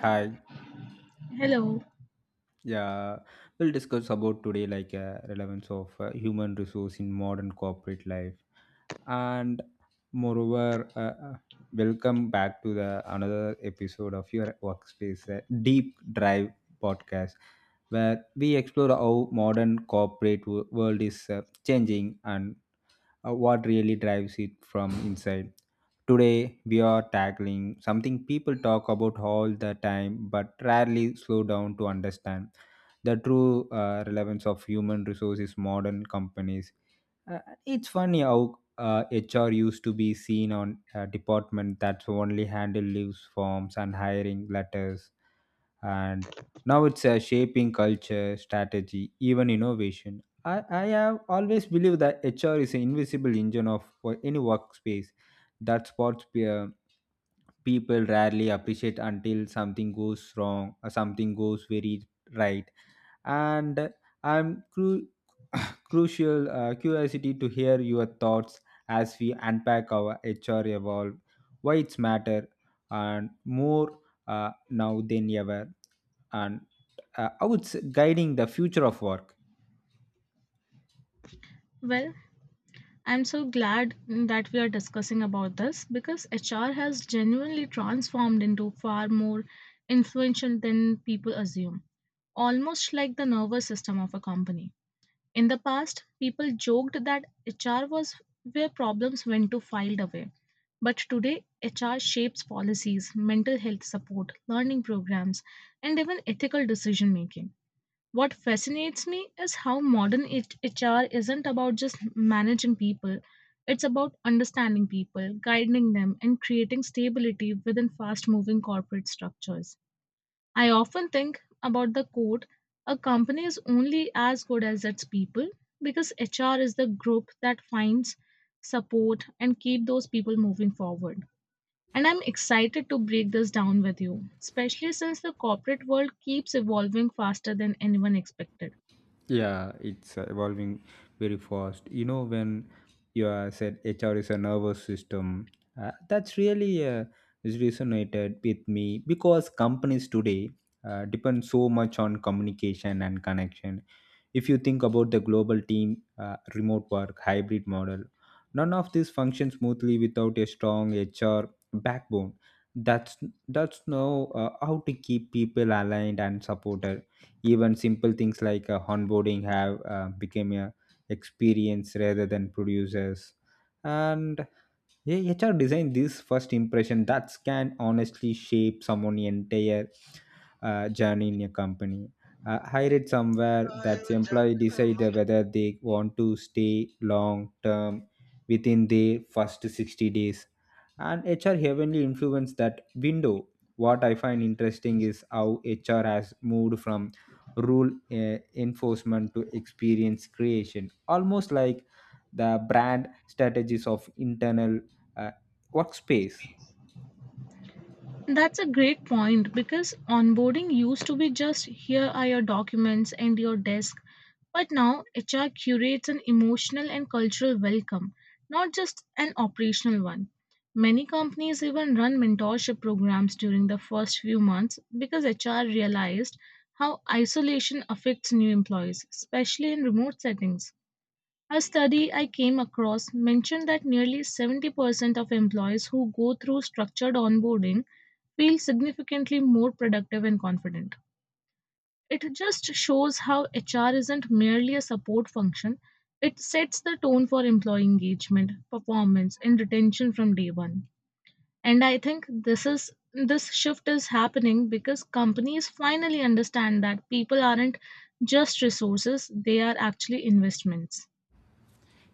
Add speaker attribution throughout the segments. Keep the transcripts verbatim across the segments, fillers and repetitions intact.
Speaker 1: Hi.
Speaker 2: Hello.
Speaker 1: Yeah, we'll discuss about today like uh, relevance of uh, human resource in modern corporate life, and moreover, uh, uh, welcome back to the another episode of your workspace uh, deep drive podcast, where we explore how modern corporate w- world is uh, changing and uh, what really drives it from inside. Today, we are tackling something people talk about all the time but rarely slow down to understand the true uh, relevance of human resources modern companies. Uh, it's funny how uh, H R used to be seen on a department that's only handled leaves forms and hiring letters and now it's uh, shaping culture strategy even innovation. I, I have always believed that hr is an invisible engine of for any workspace that spots uh, people rarely appreciate until something goes wrong or something goes very right. And I'm cru- crucial uh, curiosity to hear your thoughts as we unpack our H R evolve, why it's matter, and more uh, now than ever, and uh, how it's guiding the future of work.
Speaker 2: Well, I'm so glad that we are discussing about this because H R has genuinely transformed into far more influential than people assume, almost like the nervous system of a company. In the past, people joked that H R was where problems went to filed away. But today, H R shapes policies, mental health support, learning programs, and even ethical decision making. What fascinates me is how modern H- HR isn't about just managing people. It's about understanding people, guiding them, and creating stability within fast moving corporate structures. I often think about the quote a company is only as good as its people because H R is the group that finds support and keep those people moving forward. And I'm excited to break this down with you, especially since the corporate world keeps evolving faster than anyone expected.
Speaker 1: Yeah, it's uh, evolving very fast. You know, when you uh, said H R is a nervous system, uh, that's really uh, is resonated with me because companies today uh, depend so much on communication and connection. If you think about the global team, uh, remote work, hybrid model, none of these function smoothly without a strong H R backbone. That's that's know uh, how to keep people aligned and supported. Even simple things like uh, onboarding have uh, become a experience rather than producers and yeah, H R design this first impression that can honestly shape someone's entire uh, journey in a company. Uh, I read somewhere that the employee decide whether they want to stay long term within their first sixty days. And H R heavily influence that window. What I find interesting is how H R has moved from rule uh, enforcement to experience creation, almost like the brand strategies of internal uh, workspace.
Speaker 2: That's a great point because onboarding used to be just here are your documents and your desk, but now H R curates an emotional and cultural welcome, not just an operational one. Many companies even run mentorship programs during the first few months because H R realized how isolation affects new employees, especially in remote settings. A study I came across mentioned that nearly seventy percent of employees who go through structured onboarding feel significantly more productive and confident. It just shows how H R isn't merely a support function, it sets the tone for employee engagement, performance, and retention from day one. And I think this is this shift is happening because companies finally understand that people aren't just resources, they are actually investments.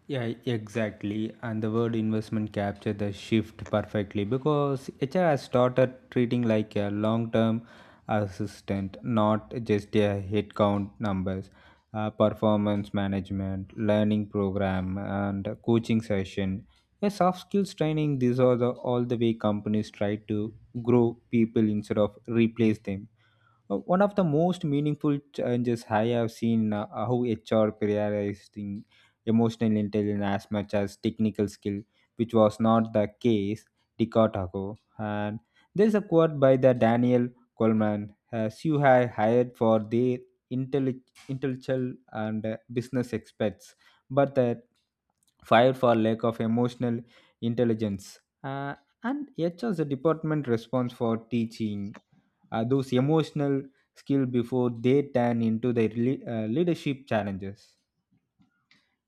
Speaker 1: Yeah, exactly. And the word investment captured the shift perfectly because H R has started treating like a long term assistant, not just a headcount numbers, uh, performance management, learning program, and coaching session. Yeah, soft skills training, these are the all the way companies try to grow people instead of replace them. Uh, One of the most meaningful changes I have seen uh, how H R prioritizing emotional intelligence as much as technical skill, which was not the case decade ago. And there's a quote by the Daniel Coleman, as you have hired for their intelli- intellectual and uh, business experts, but the fired for lack of emotional intelligence. Uh, and H R's department response for teaching uh, those emotional skill before they turn into their le- uh, leadership challenges.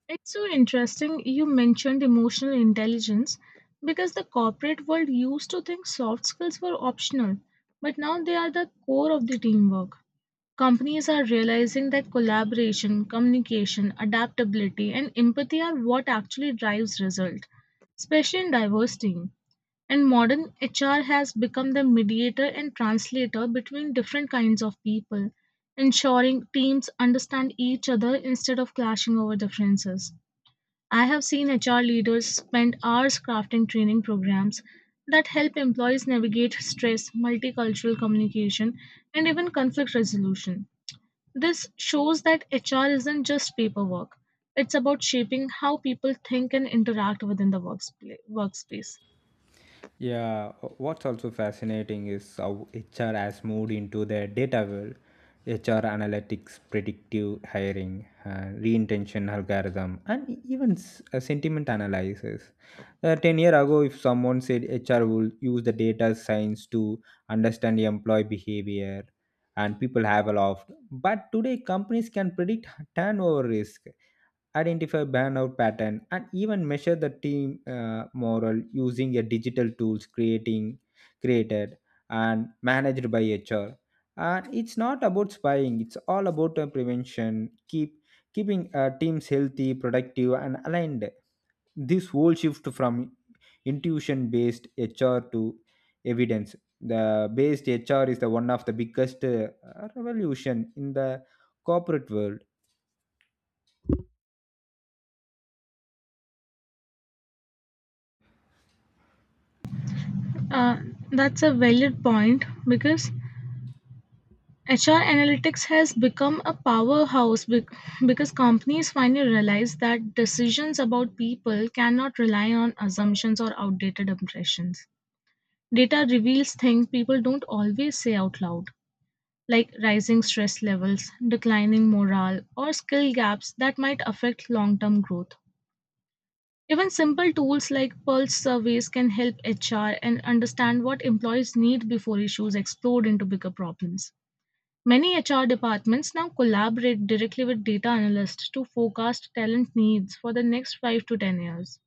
Speaker 2: It's so interesting you mentioned emotional intelligence because the corporate world used to think soft skills were optional, but now they are the core of the teamwork. Companies are realizing that collaboration, communication, adaptability, and empathy are what actually drives result, especially in diverse teams. And modern H R has become the mediator and translator between different kinds of people, ensuring teams understand each other instead of clashing over differences. I have seen H R leaders spend hours crafting training programs that help employees navigate stress, multicultural communication, and even conflict resolution. This shows that H R isn't just paperwork, it's about shaping how people think and interact within the workspla- workspace.
Speaker 1: Yeah, wh- what's also fascinating is how H R has moved into the data world. H R analytics, predictive hiring, uh, reintention algorithm, and e- even s- uh, sentiment analysis. Uh, ten years ago, if someone said H R will use the data science to understand the employee behavior, and people have laughed. But today, companies can predict turnover risk, identify burnout pattern and even measure the team uh, morale using a digital tools creating created and managed by hr. And it's not about spying, it's all about uh, prevention keep keeping uh, teams healthy productive and aligned. This whole shift from intuition based hr to evidence the based hr is the one of the biggest uh, revolution in the corporate world.
Speaker 2: Uh, that's a valid point because H R analytics has become a powerhouse bec- because companies finally realize that decisions about people cannot rely on assumptions or outdated impressions. Data reveals things people don't always say out loud, like rising stress levels, declining morale, or skill gaps that might affect long term growth. Even simple tools like pulse surveys can help H R and understand what employees need before issues explode into bigger problems. Many H R departments now collaborate directly with data analysts to forecast talent needs for the next five to ten years.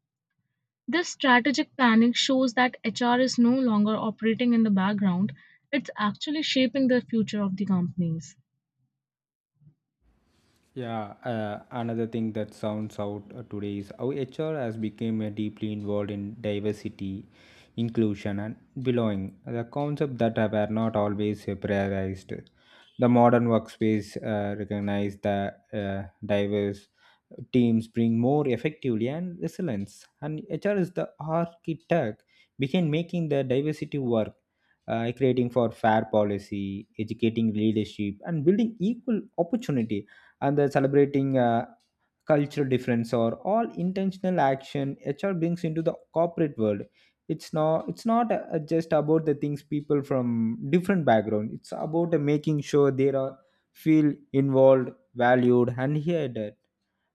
Speaker 2: This strategic planning shows that H R is no longer operating in the background, it's actually shaping the future of the companies.
Speaker 1: Yeah, uh, another thing that sounds out uh, today is how H R has become uh, deeply involved in diversity, inclusion, and belonging. The concept that were not always uh, prioritized. The modern workspace uh, recognize that uh, diverse teams bring more effectively and resilience. And H R is the architect behind making the diversity work, uh, creating for fair policy, educating leadership, and building equal opportunity and the celebrating uh, cultural difference or all intentional action hr brings into the corporate world. It's not it's not uh, just about the things people from different background, it's about uh, making sure they are feel involved valued and heard. A-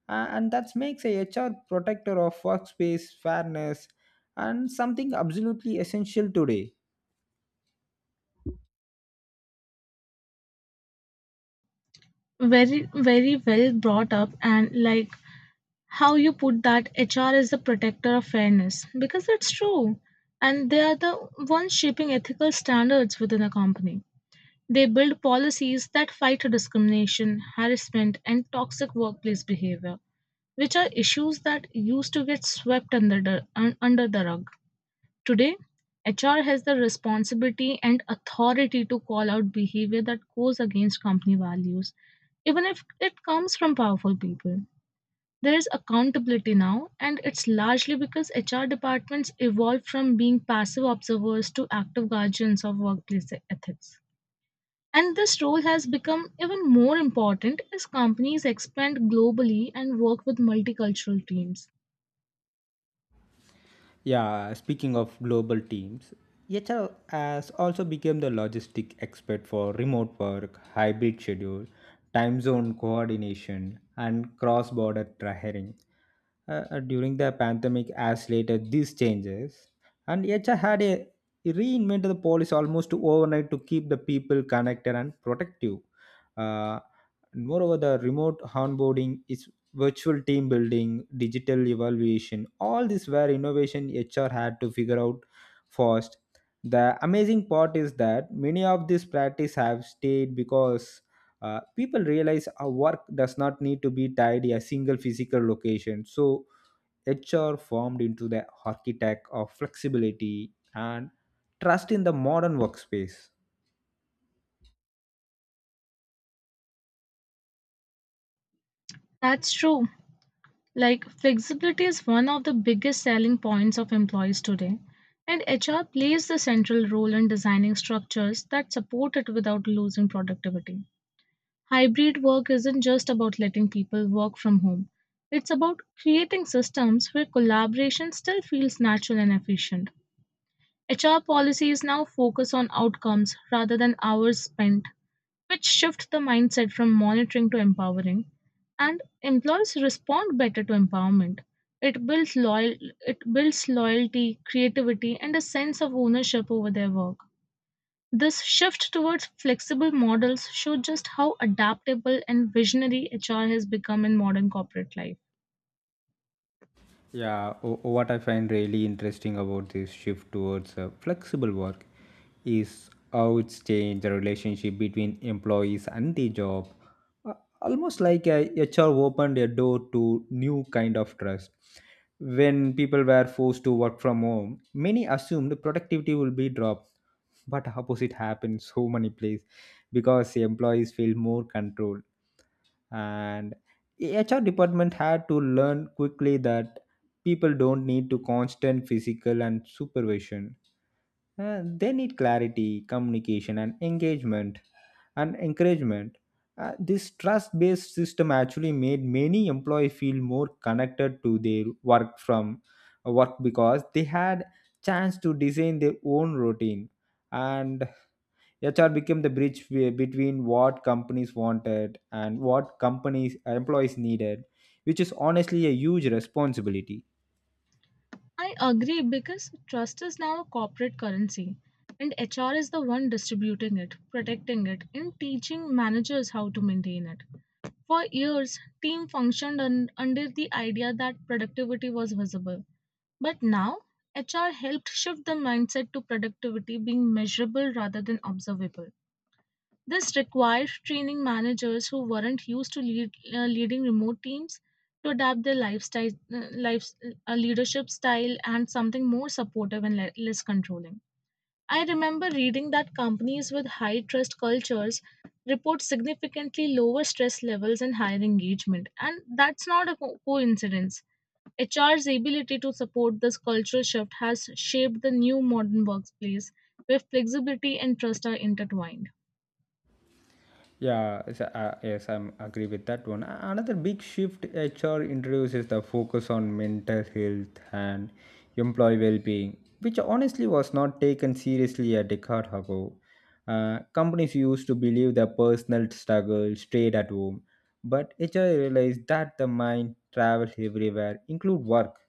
Speaker 1: And that makes a hr protector of workspace fairness and something absolutely essential today.
Speaker 2: Very, very well brought up, and like how you put that H R is the protector of fairness because it's true, and they are the ones shaping ethical standards within a company. They build policies that fight discrimination, harassment, and toxic workplace behavior, which are issues that used to get swept under the, un- under the rug. Today, H R has the responsibility and authority to call out behavior that goes against company values, even if it comes from powerful people. There is accountability now, and it's largely because H R departments evolved from being passive observers to active guardians of workplace ethics. And this role has become even more important as companies expand globally and work with multicultural teams.
Speaker 1: Yeah, speaking of global teams, H R has also become the logistic expert for remote work, hybrid schedule, time zone coordination, and cross-border hiring. Uh, uh, during the pandemic, as later these changes, and H R had a reinvented the policy almost overnight to keep the people connected and protective. Uh, Moreover, the remote onboarding is virtual team building, digital evaluation, all these were innovation H R had to figure out first. The amazing part is that many of these practice have stayed because uh, people realize our work does not need to be tied to a single physical location. So H R formed into the architect of flexibility and trust in the modern workspace.
Speaker 2: That's true. Like, flexibility is one of the biggest selling points of employees today, and H R plays the central role in designing structures that support it without losing productivity. Hybrid work isn't just about letting people work from home, it's about creating systems where collaboration still feels natural and efficient. H R policies now focus on outcomes rather than hours spent, which shift the mindset from monitoring to empowering, and employers respond better to empowerment. It builds loyal it builds loyalty, creativity, and a sense of ownership over their work. This shift towards flexible models shows just how adaptable and visionary H R has become in modern corporate life.
Speaker 1: Yeah, o- what I find really interesting about this shift towards uh, flexible work is how it's changed the relationship between employees and the job. Uh, Almost like uh, H R opened a door to new kind of trust. When people were forced to work from home, many assumed productivity will be dropped, but opposite happened so many places because the employees feel more control. And H R department had to learn quickly that people don't need to constant physical and supervision. Uh, they need clarity, communication, and engagement and encouragement. Uh, this trust based system actually made many employees feel more connected to their work from uh, work because they had chance to design their own routine. And H R became the bridge be- between what companies wanted and what companies employees needed, which is honestly a huge responsibility.
Speaker 2: I agree because trust is now a corporate currency and H R is the one distributing it, protecting it, and teaching managers how to maintain it. For years, team functioned un- under the idea that productivity was visible. But now, H R helped shift the mindset to productivity being measurable rather than observable. This required training managers who weren't used to lead, uh, leading remote teams to adapt their lifestyle, uh, life, uh, leadership style and something more supportive and le- less controlling. I remember reading that companies with high trust cultures report significantly lower stress levels and higher engagement, and that's not a co- coincidence. H R's ability to support this cultural shift has shaped the new modern workplace where flexibility and trust are intertwined.
Speaker 1: Yeah, it's a- uh, yes, I'm agree with that one. A- Another big shift H R introduces the focus on mental health and employee well-being, which honestly was not taken seriously a decade ago. Uh, companies used to believe their personal struggle stayed at home, but H R realized that the mind travels everywhere, include work.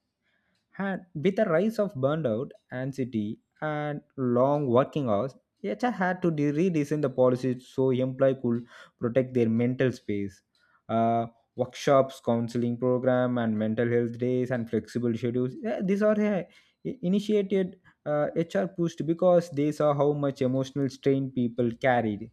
Speaker 1: And with the rise of burnout, anxiety, and long working hours, H R had to de- redesign the policies so employees could protect their mental space. Uh, Workshops, counseling program, and mental health days and flexible schedules. eh, These are eh, i- initiated uh, H R pushed because they saw how much emotional strain people carried.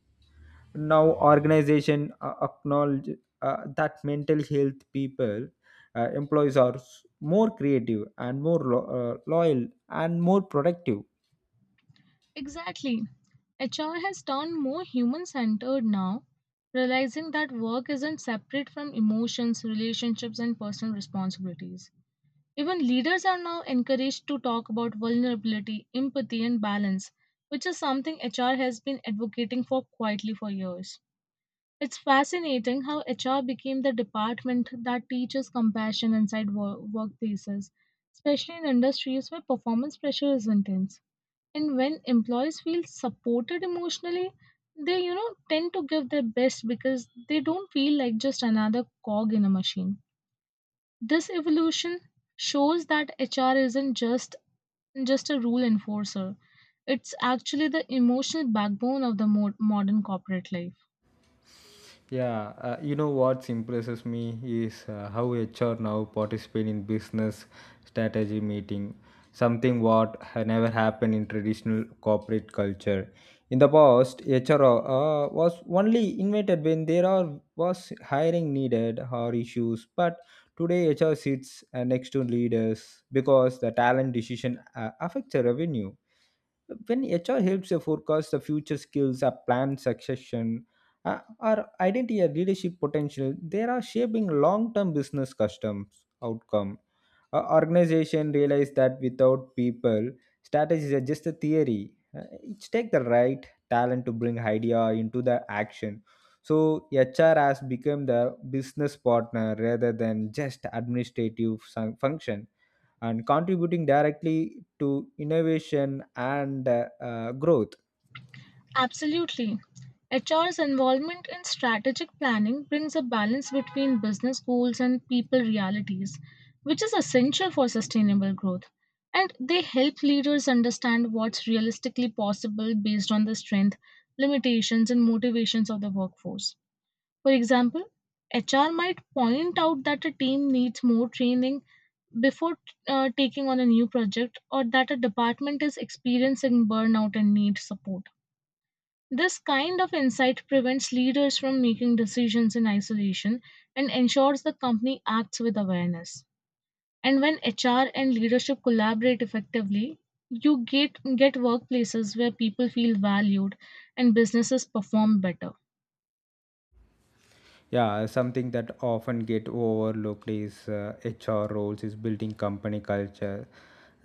Speaker 1: Now organization uh, acknowledge uh, that mental health people uh, employees are s- more creative and more lo- uh, loyal and more productive.
Speaker 2: Exactly. H R has turned more human centered now, realizing that work isn't separate from emotions, relationships, and personal responsibilities. Even leaders are now encouraged to talk about vulnerability, empathy, and balance, which is something H R has been advocating for quietly for years. It's fascinating how H R became the department that teaches compassion inside wo- workplaces, especially in industries where performance pressure is intense. And when employees feel supported emotionally, they you know tend to give their best because they don't feel like just another cog in a machine. This evolution shows that H R isn't just just a rule enforcer. It's actually the emotional backbone of the mo- modern corporate life.
Speaker 1: Yeah, uh, you know what impresses me is uh, how H R now participate in business strategy meeting, something what had never happened in traditional corporate culture. In the past, H R uh, was only invited when there are was hiring needed or issues, but today H R sits uh, next to leaders because the talent decision uh, affects the revenue. When H R helps you forecast the future skills, a planned succession, uh, or identity or leadership potential, they are shaping long-term business customs outcome. A organization realize that without people, strategies are just a theory. Uh, it takes the right talent to bring idea into the action. So H R has become the business partner rather than just administrative sun- function and contributing directly to innovation and uh, uh, growth.
Speaker 2: Absolutely. H R's involvement in strategic planning brings a balance between business goals and people realities, which is essential for sustainable growth. And they help leaders understand what's realistically possible based on the strength, limitations, and motivations of the workforce. For example, H R might point out that a team needs more training before uh, taking on a new project or that a department is experiencing burnout and needs support. This kind of insight prevents leaders from making decisions in isolation and ensures the company acts with awareness. And when H R and leadership collaborate effectively, you get, get workplaces where people feel valued and businesses perform better.
Speaker 1: Yeah, something that often get overlooked is uh, H R roles is building company culture.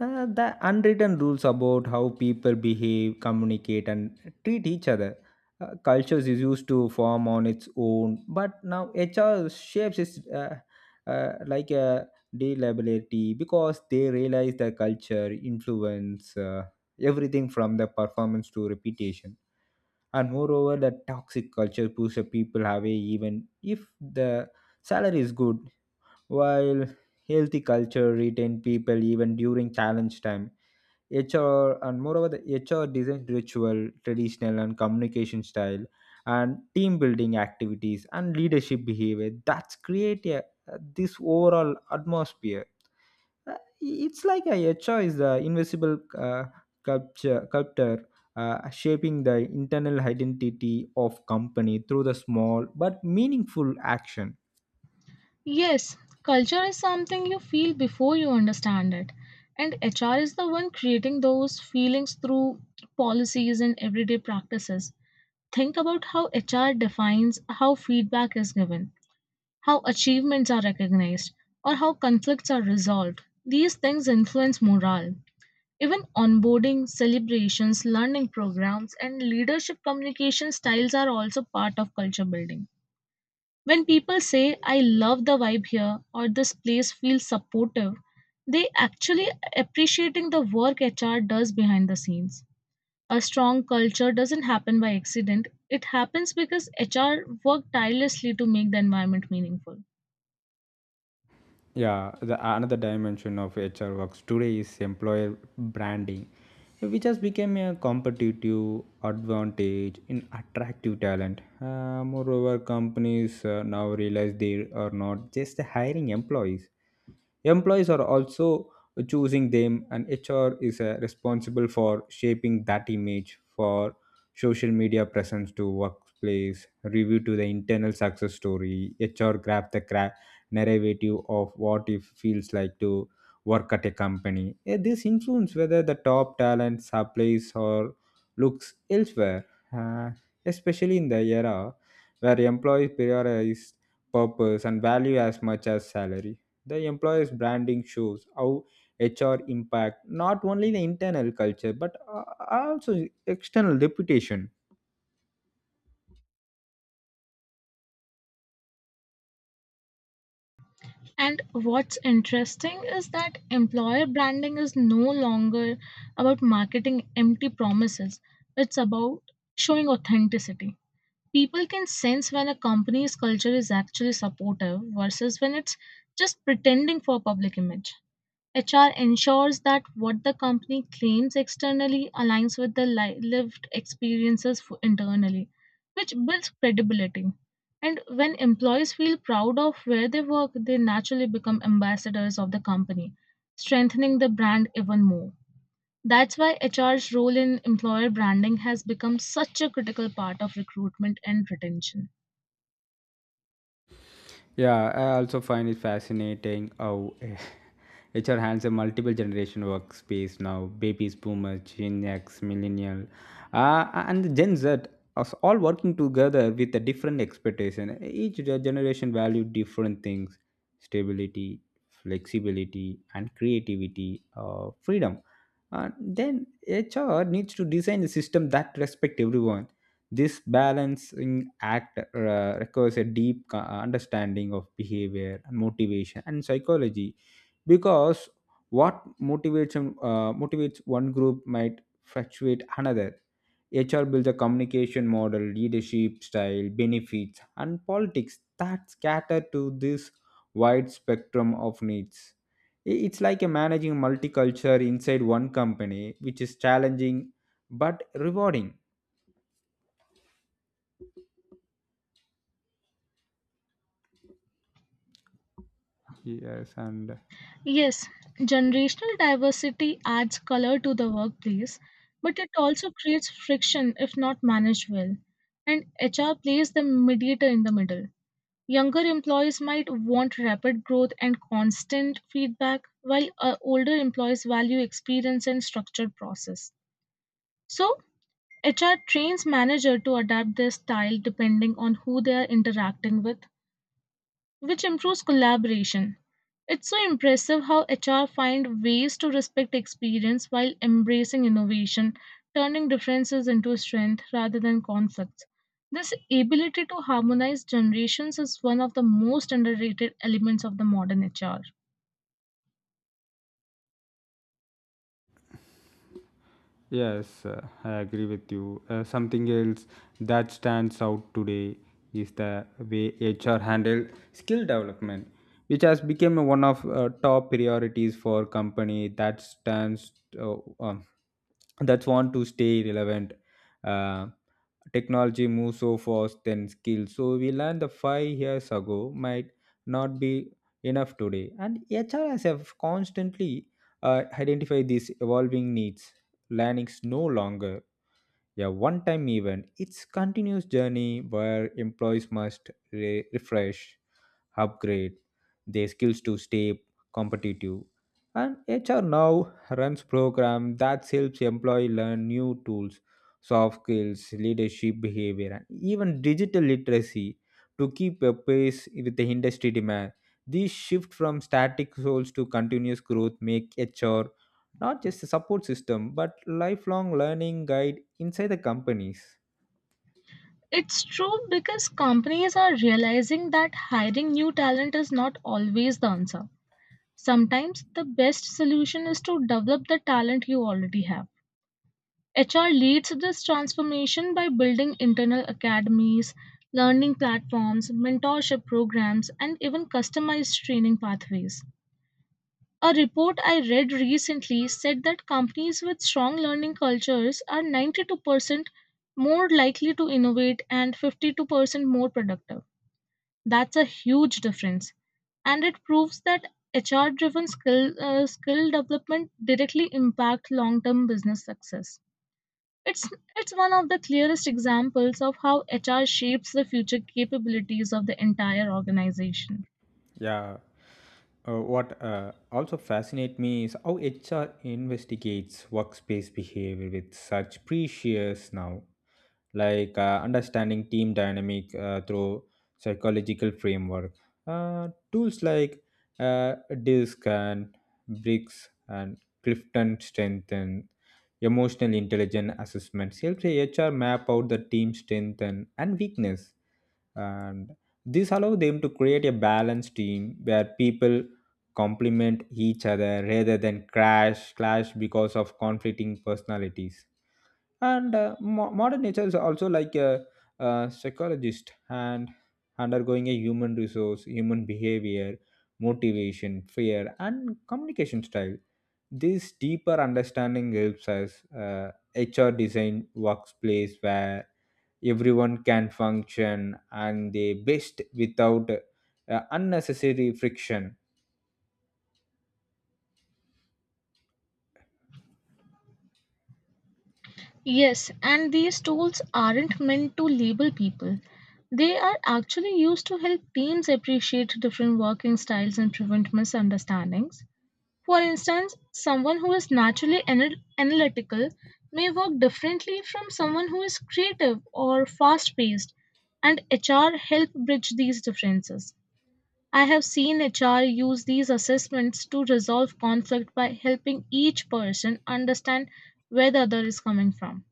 Speaker 1: Uh, the unwritten rules about how people behave, communicate, and treat each other. Uh, cultures is used to form on its own, but now H R shapes is uh, uh, like a deliability because they realize the culture influence uh, everything from the performance to reputation. And moreover the toxic culture pushes people away even if the salary is good, while healthy culture retain people even during challenge time. Hr and moreover the hr design ritual traditional and communication style and team building activities and leadership behavior that's create a, this overall atmosphere. uh, it's like a, a choice, the invisible uh, culture, culture uh, shaping the internal identity of company through the small but meaningful action.
Speaker 2: Yes, culture is something you feel before you understand it. And H R is the one creating those feelings through policies and everyday practices. Think about how H R defines how feedback is given, how achievements are recognized, or how conflicts are resolved. These things influence morale. Even onboarding, celebrations, learning programs, and leadership communication styles are also part of culture building. When people say, I love the vibe here, or this place feels supportive, they actually appreciating the work H R does behind the scenes. A strong culture doesn't happen by accident. It happens because H R worked tirelessly to make the environment meaningful.
Speaker 1: Yeah, the another dimension of H R works today is employer branding, which has become a competitive advantage in attractive talent. Uh, moreover, companies uh, now realize they are not just hiring employees; employees are also choosing them, and H R is uh, responsible for shaping that image for social media presence to workplace, review to the internal success story. H R craft the cra- narrative of what it feels like to work at a company. Eh, This influence whether the top talent supplies or looks elsewhere, uh, especially in the era where employees prioritize purpose and value as much as salary. The employer's branding shows how hr impact not only the internal culture but uh, also external reputation.
Speaker 2: And what's interesting is that employer branding is no longer about marketing empty promises. It's about showing authenticity. People can sense when a company's culture is actually supportive versus when it's just pretending for public image. H R ensures that what the company claims externally aligns with the li- lived experiences f- internally, which builds credibility. And when employees feel proud of where they work, they naturally become ambassadors of the company, strengthening the brand even more. That's why H R's role in employer branding has become such a critical part of recruitment and retention.
Speaker 1: Yeah, I also find it fascinating how H R handles a multiple generation workspace now. Babies, boomers, Gen X, millennial, uh, and Gen Z are all working together with a different expectation. Each ge- generation value different things: stability, flexibility, and creativity, uh, freedom. Uh, then H R needs to design a system that respect everyone. This balancing act uh, requires a deep co- understanding of behavior and motivation and psychology because what motivation uh, motivates one group might fluctuate another. H R builds a communication model, leadership style, benefits, and politics that cater to this wide spectrum of needs. I- It's like a managing multiculture inside one company, which is challenging but rewarding. Yes, and
Speaker 2: Yes, generational diversity adds color to the workplace, but it also creates friction if not managed well. And H R plays the mediator in the middle. Younger employees might want rapid growth and constant feedback, while uh, older employees value experience and structured process. So, H R trains manager to adapt their style depending on who they are interacting with, which improves collaboration. It's so impressive how H R find ways to respect experience while embracing innovation, turning differences into strength rather than conflicts. This ability to harmonize generations is one of the most underrated elements of the modern H R.
Speaker 1: Yes, uh, I agree with you. Uh, something else that stands out today is the way H R handle skill development, which has become one of uh, top priorities for company that stands uh, um, that want to stay relevant. Uh, Technology moves so fast than skills, so we learned the five years ago might not be enough today, and H R has have constantly uh, identified these evolving needs. Learning is no longer a one time event, it's continuous journey where employees must re- refresh, upgrade their skills to stay competitive, and hr now runs program that helps employee learn new tools, soft skills, leadership behavior, and even digital literacy to keep a pace with the industry demand. This shift from static goals to continuous growth make hr not just a support system but lifelong learning guide inside the companies.
Speaker 2: It's true because companies are realizing that hiring new talent is not always the answer. Sometimes the best solution is to develop the talent you already have. H R leads this transformation by building internal academies, learning platforms, mentorship programs, and even customized training pathways. A report I read recently said that companies with strong learning cultures are ninety-two percent more likely to innovate and fifty-two percent more productive. That's a huge difference. And it proves that H R driven skill, uh, skill development directly impact long term business success. It's it's one of the clearest examples of how H R shapes the future capabilities of the entire organization.
Speaker 1: Yeah. Uh, what uh, also fascinates me is how H R investigates workspace behavior with such precious now, like uh, understanding team dynamic uh, through psychological framework. Uh, tools like uh, D I S C and B R I C S and Clifton Strength and emotional intelligence assessments helps H R map out the team strength and, and weakness, and this allows them to create a balanced team where people complement each other rather than crash clash because of conflicting personalities, and uh, mo- modern nature is also like a, a psychologist and undergoing a human resource human behavior, motivation, fear, and communication style. This deeper understanding helps us uh, hr design workplace where everyone can function and they best without uh, unnecessary friction.
Speaker 2: Yes, and these tools aren't meant to label people. They are actually used to help teams appreciate different working styles and prevent misunderstandings. For instance, someone who is naturally anal- analytical may work differently from someone who is creative or fast paced, and H R help bridge these differences. I have seen H R use these assessments to resolve conflict by helping each person understand where the other is coming from.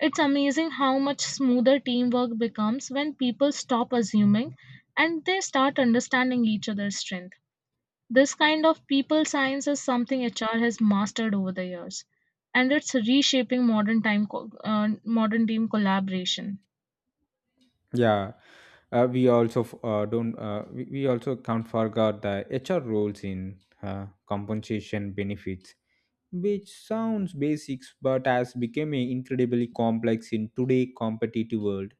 Speaker 2: It's amazing how much smoother teamwork becomes when people stop assuming and they start understanding each other's strength. This kind of people science is something H R has mastered over the years, and it's reshaping modern time co- uh, modern team collaboration.
Speaker 1: Yeah. uh, we also f- uh, don't uh, we, we also can't forget the hr roles in uh, compensation benefits, which sounds basics but has become incredibly complex in today competitive world.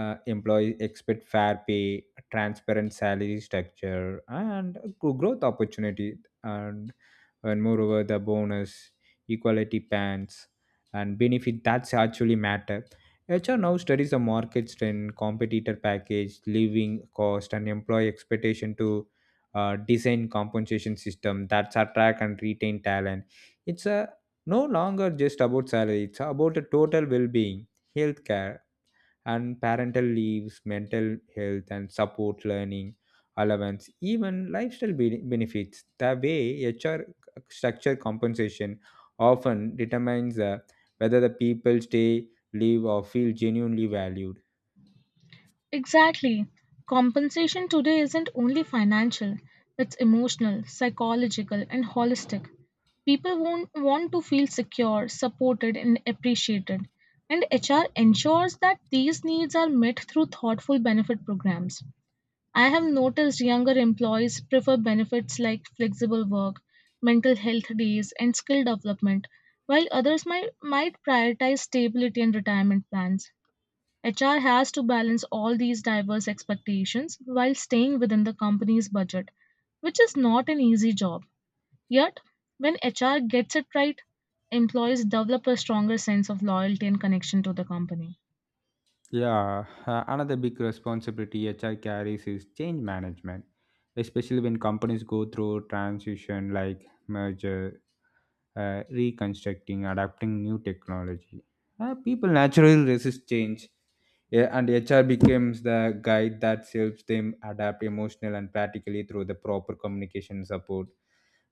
Speaker 1: Uh, employees expect fair pay, transparent salary structure, and gro- growth opportunity, and and moreover the bonus, equality pans, and benefit that's actually matter. H R now studies the market strength, competitor package, living cost, and employee expectation to uh, design compensation system that's attract and retain talent. It's a no longer just about salary; it's about the total well-being, healthcare and parental leaves, mental health, and support learning allowance, even lifestyle be- benefits. The way H R structure compensation often determines uh, whether the people stay, live, or feel genuinely valued.
Speaker 2: Exactly. Compensation today isn't only financial, it's emotional, psychological, and holistic. People won't want to feel secure, supported, and appreciated. And H R ensures that these needs are met through thoughtful benefit programs. I have noticed younger employees prefer benefits like flexible work, mental health days, and skill development, while others might, might prioritize stability and retirement plans. H R has to balance all these diverse expectations while staying within the company's budget, which is not an easy job. Yet, when H R gets it right, employees develop a stronger sense of loyalty and connection to the company.
Speaker 1: Yeah, uh, another big responsibility H R carries is change management, especially when companies go through transition like merger, uh, reconstructing, adapting new technology. Uh, people naturally resist change, yeah, and H R becomes the guide that helps them adapt emotionally and practically through the proper communication support.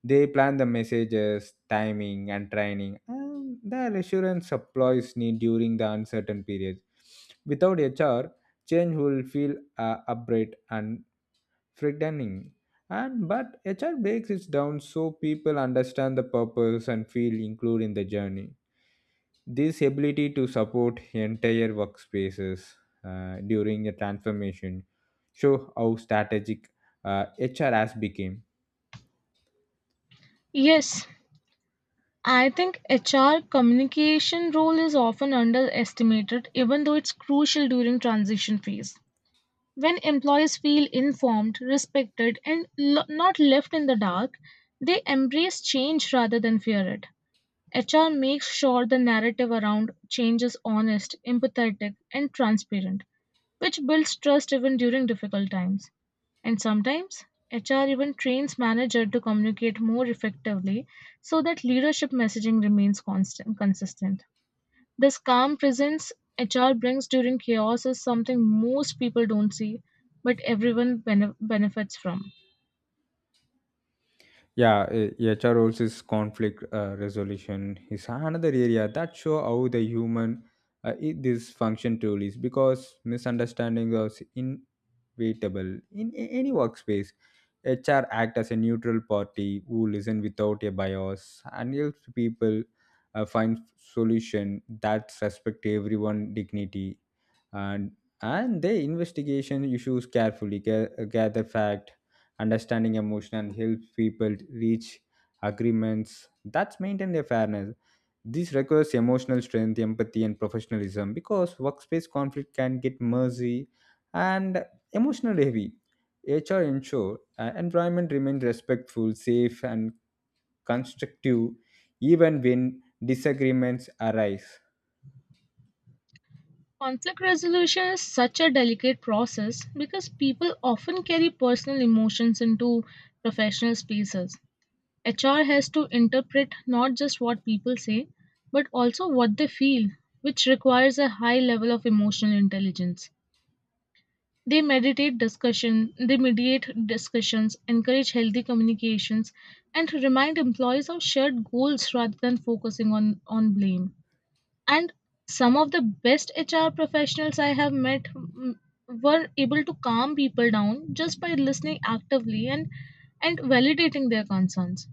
Speaker 1: They plan the messages, timing, and training, and the assurance supplies need during the uncertain periods. Without H R, change will feel uh, abrupt and frightening. And but H R breaks it down so people understand the purpose and feel included in the journey. This ability to support entire workspaces uh, during a transformation show how strategic uh, H R has become.
Speaker 2: Yes, I think H R communication role is often underestimated even though it's crucial during transition phase. When employees feel informed, respected and lo- not left in the dark, they embrace change rather than fear it. H R makes sure the narrative around change is honest, empathetic, and transparent, which builds trust even during difficult times. And sometimes, H R even trains manager to communicate more effectively so that leadership messaging remains constant consistent. This calm presence H R brings during chaos is something most people don't see, but everyone bene- benefits from.
Speaker 1: Yeah, eh, H R also is conflict uh, resolution is another area that show how the human uh, i- this function truly is because misunderstanding is inevitable in a- any workspace. H R act as a neutral party who listen without a bias and helps people uh, find solution that respect everyone dignity, and and they investigation issues carefully ga- gather fact, understanding emotion, and help people reach agreements that's maintain their fairness. This requires emotional strength, empathy, and professionalism because workspace conflict can get messy and emotionally heavy. HR ensure uh, environment remains respectful, safe, and constructive even when disagreements arise.
Speaker 2: Conflict resolution is such a delicate process because people often carry personal emotions into professional spaces. H R has to interpret not just what people say, but also what they feel, which requires a high level of emotional intelligence. They meditate discussion, they mediate discussions, encourage healthy communications, and remind employees of shared goals rather than focusing on, on blame, and some of the best HR professionals I have met mm, were able to calm people down just by listening actively and and validating their concerns.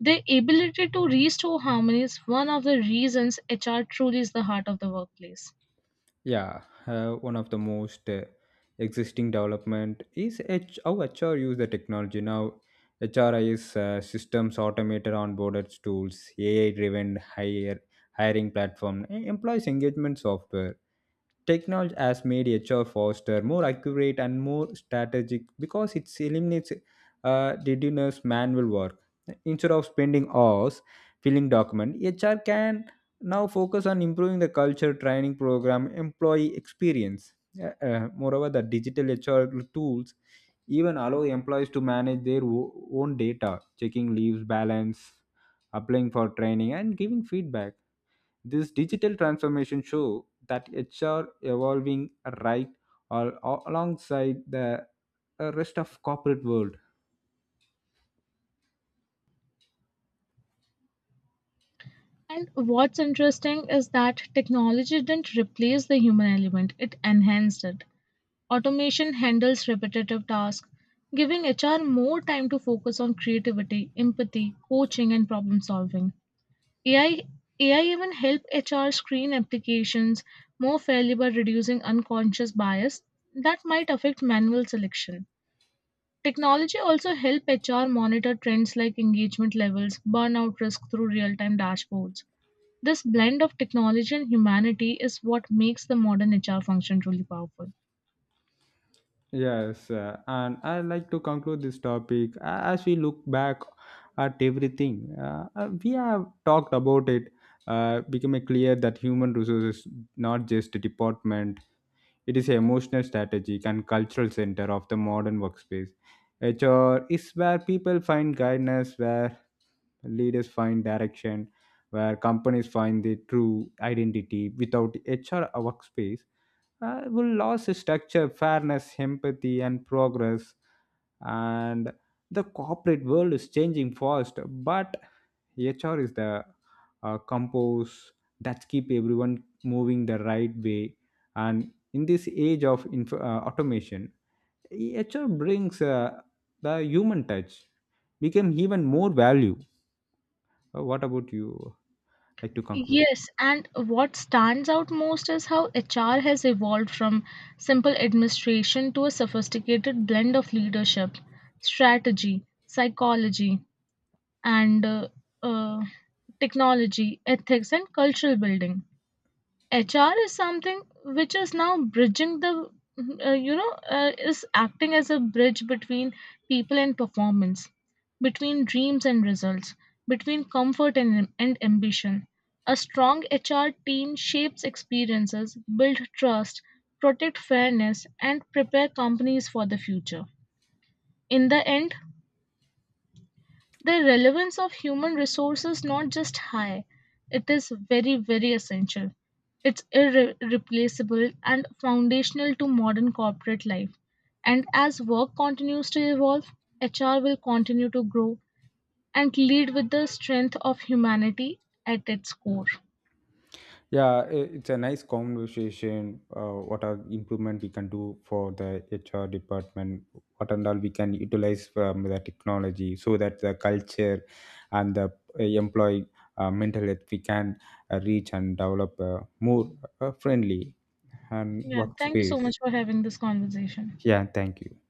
Speaker 2: Their ability to restore harmony is one of the reasons HR truly is the heart of the workplace.
Speaker 1: Yeah, uh, one of the most uh, existing development is H- how H R use the technology now. H R I is uh, systems automated onboarded tools, A I driven hire, hiring platform, e- employees engagement software. Technology has made H R faster, more accurate, and more strategic because it eliminates uh, tedious manual work. Instead of spending hours filling document, H R can now focus on improving the culture, training program, employee experience. Uh, uh, moreover, the digital H R tools even allow employees to manage their o- own data, checking leaves balance, applying for training, and giving feedback. This digital transformation show that H R evolving right al- alongside the uh, rest of corporate world.
Speaker 2: And what's interesting is that technology didn't replace the human element, it enhanced it. Automation handles repetitive tasks, giving H R more time to focus on creativity, empathy, coaching, and problem solving. A I, even help H R screen applications more fairly by reducing unconscious bias that might affect manual selection. Technology also help H R monitor trends like engagement levels, burnout risk through real-time dashboards. This blend of technology and humanity is what makes the modern H R function truly powerful.
Speaker 1: Yes, uh, and I like to conclude this topic A- as we look back at everything. Uh, uh, we have talked about it, uh, becoming clear that human resources is not just a department; it is an emotional, strategic, and cultural center of the modern workspace. H R is where people find guidance, where leaders find direction, where companies find their true identity. Without H R workspace, uh, will lose its structure, fairness, empathy, and progress. And the corporate world is changing fast, but H R is the uh, compose that keep everyone moving the right way. And in this age of inf- uh, automation, H R brings uh, the human touch became even more value. Uh, what about you? Like to conclude.
Speaker 2: Yes, and what stands out most is how H R has evolved from simple administration to a sophisticated blend of leadership, strategy, psychology, and uh, uh, technology, ethics, and cultural building. H R is something which is now bridging the, uh, you know, uh, is acting as a bridge between people and performance, between dreams and results, between comfort and, and ambition. A strong H R team shapes experiences, build trust, protect fairness, and prepare companies for the future. In the end, the relevance of human resources not just high, it is very, very essential. It's irreplaceable and foundational to modern corporate life. And as work continues to evolve, H R will continue to grow and lead with the strength of humanity at its core.
Speaker 1: Yeah, i- it's a nice conversation. Uh, what are improvement we can do for the hr department, what and all we can utilize from the technology so that the culture and the uh, employee uh, mental health we can uh, reach and develop a more uh, friendly and
Speaker 2: Yeah, thank you so
Speaker 1: workspace.
Speaker 2: much for having this conversation.
Speaker 1: Yeah, thank you.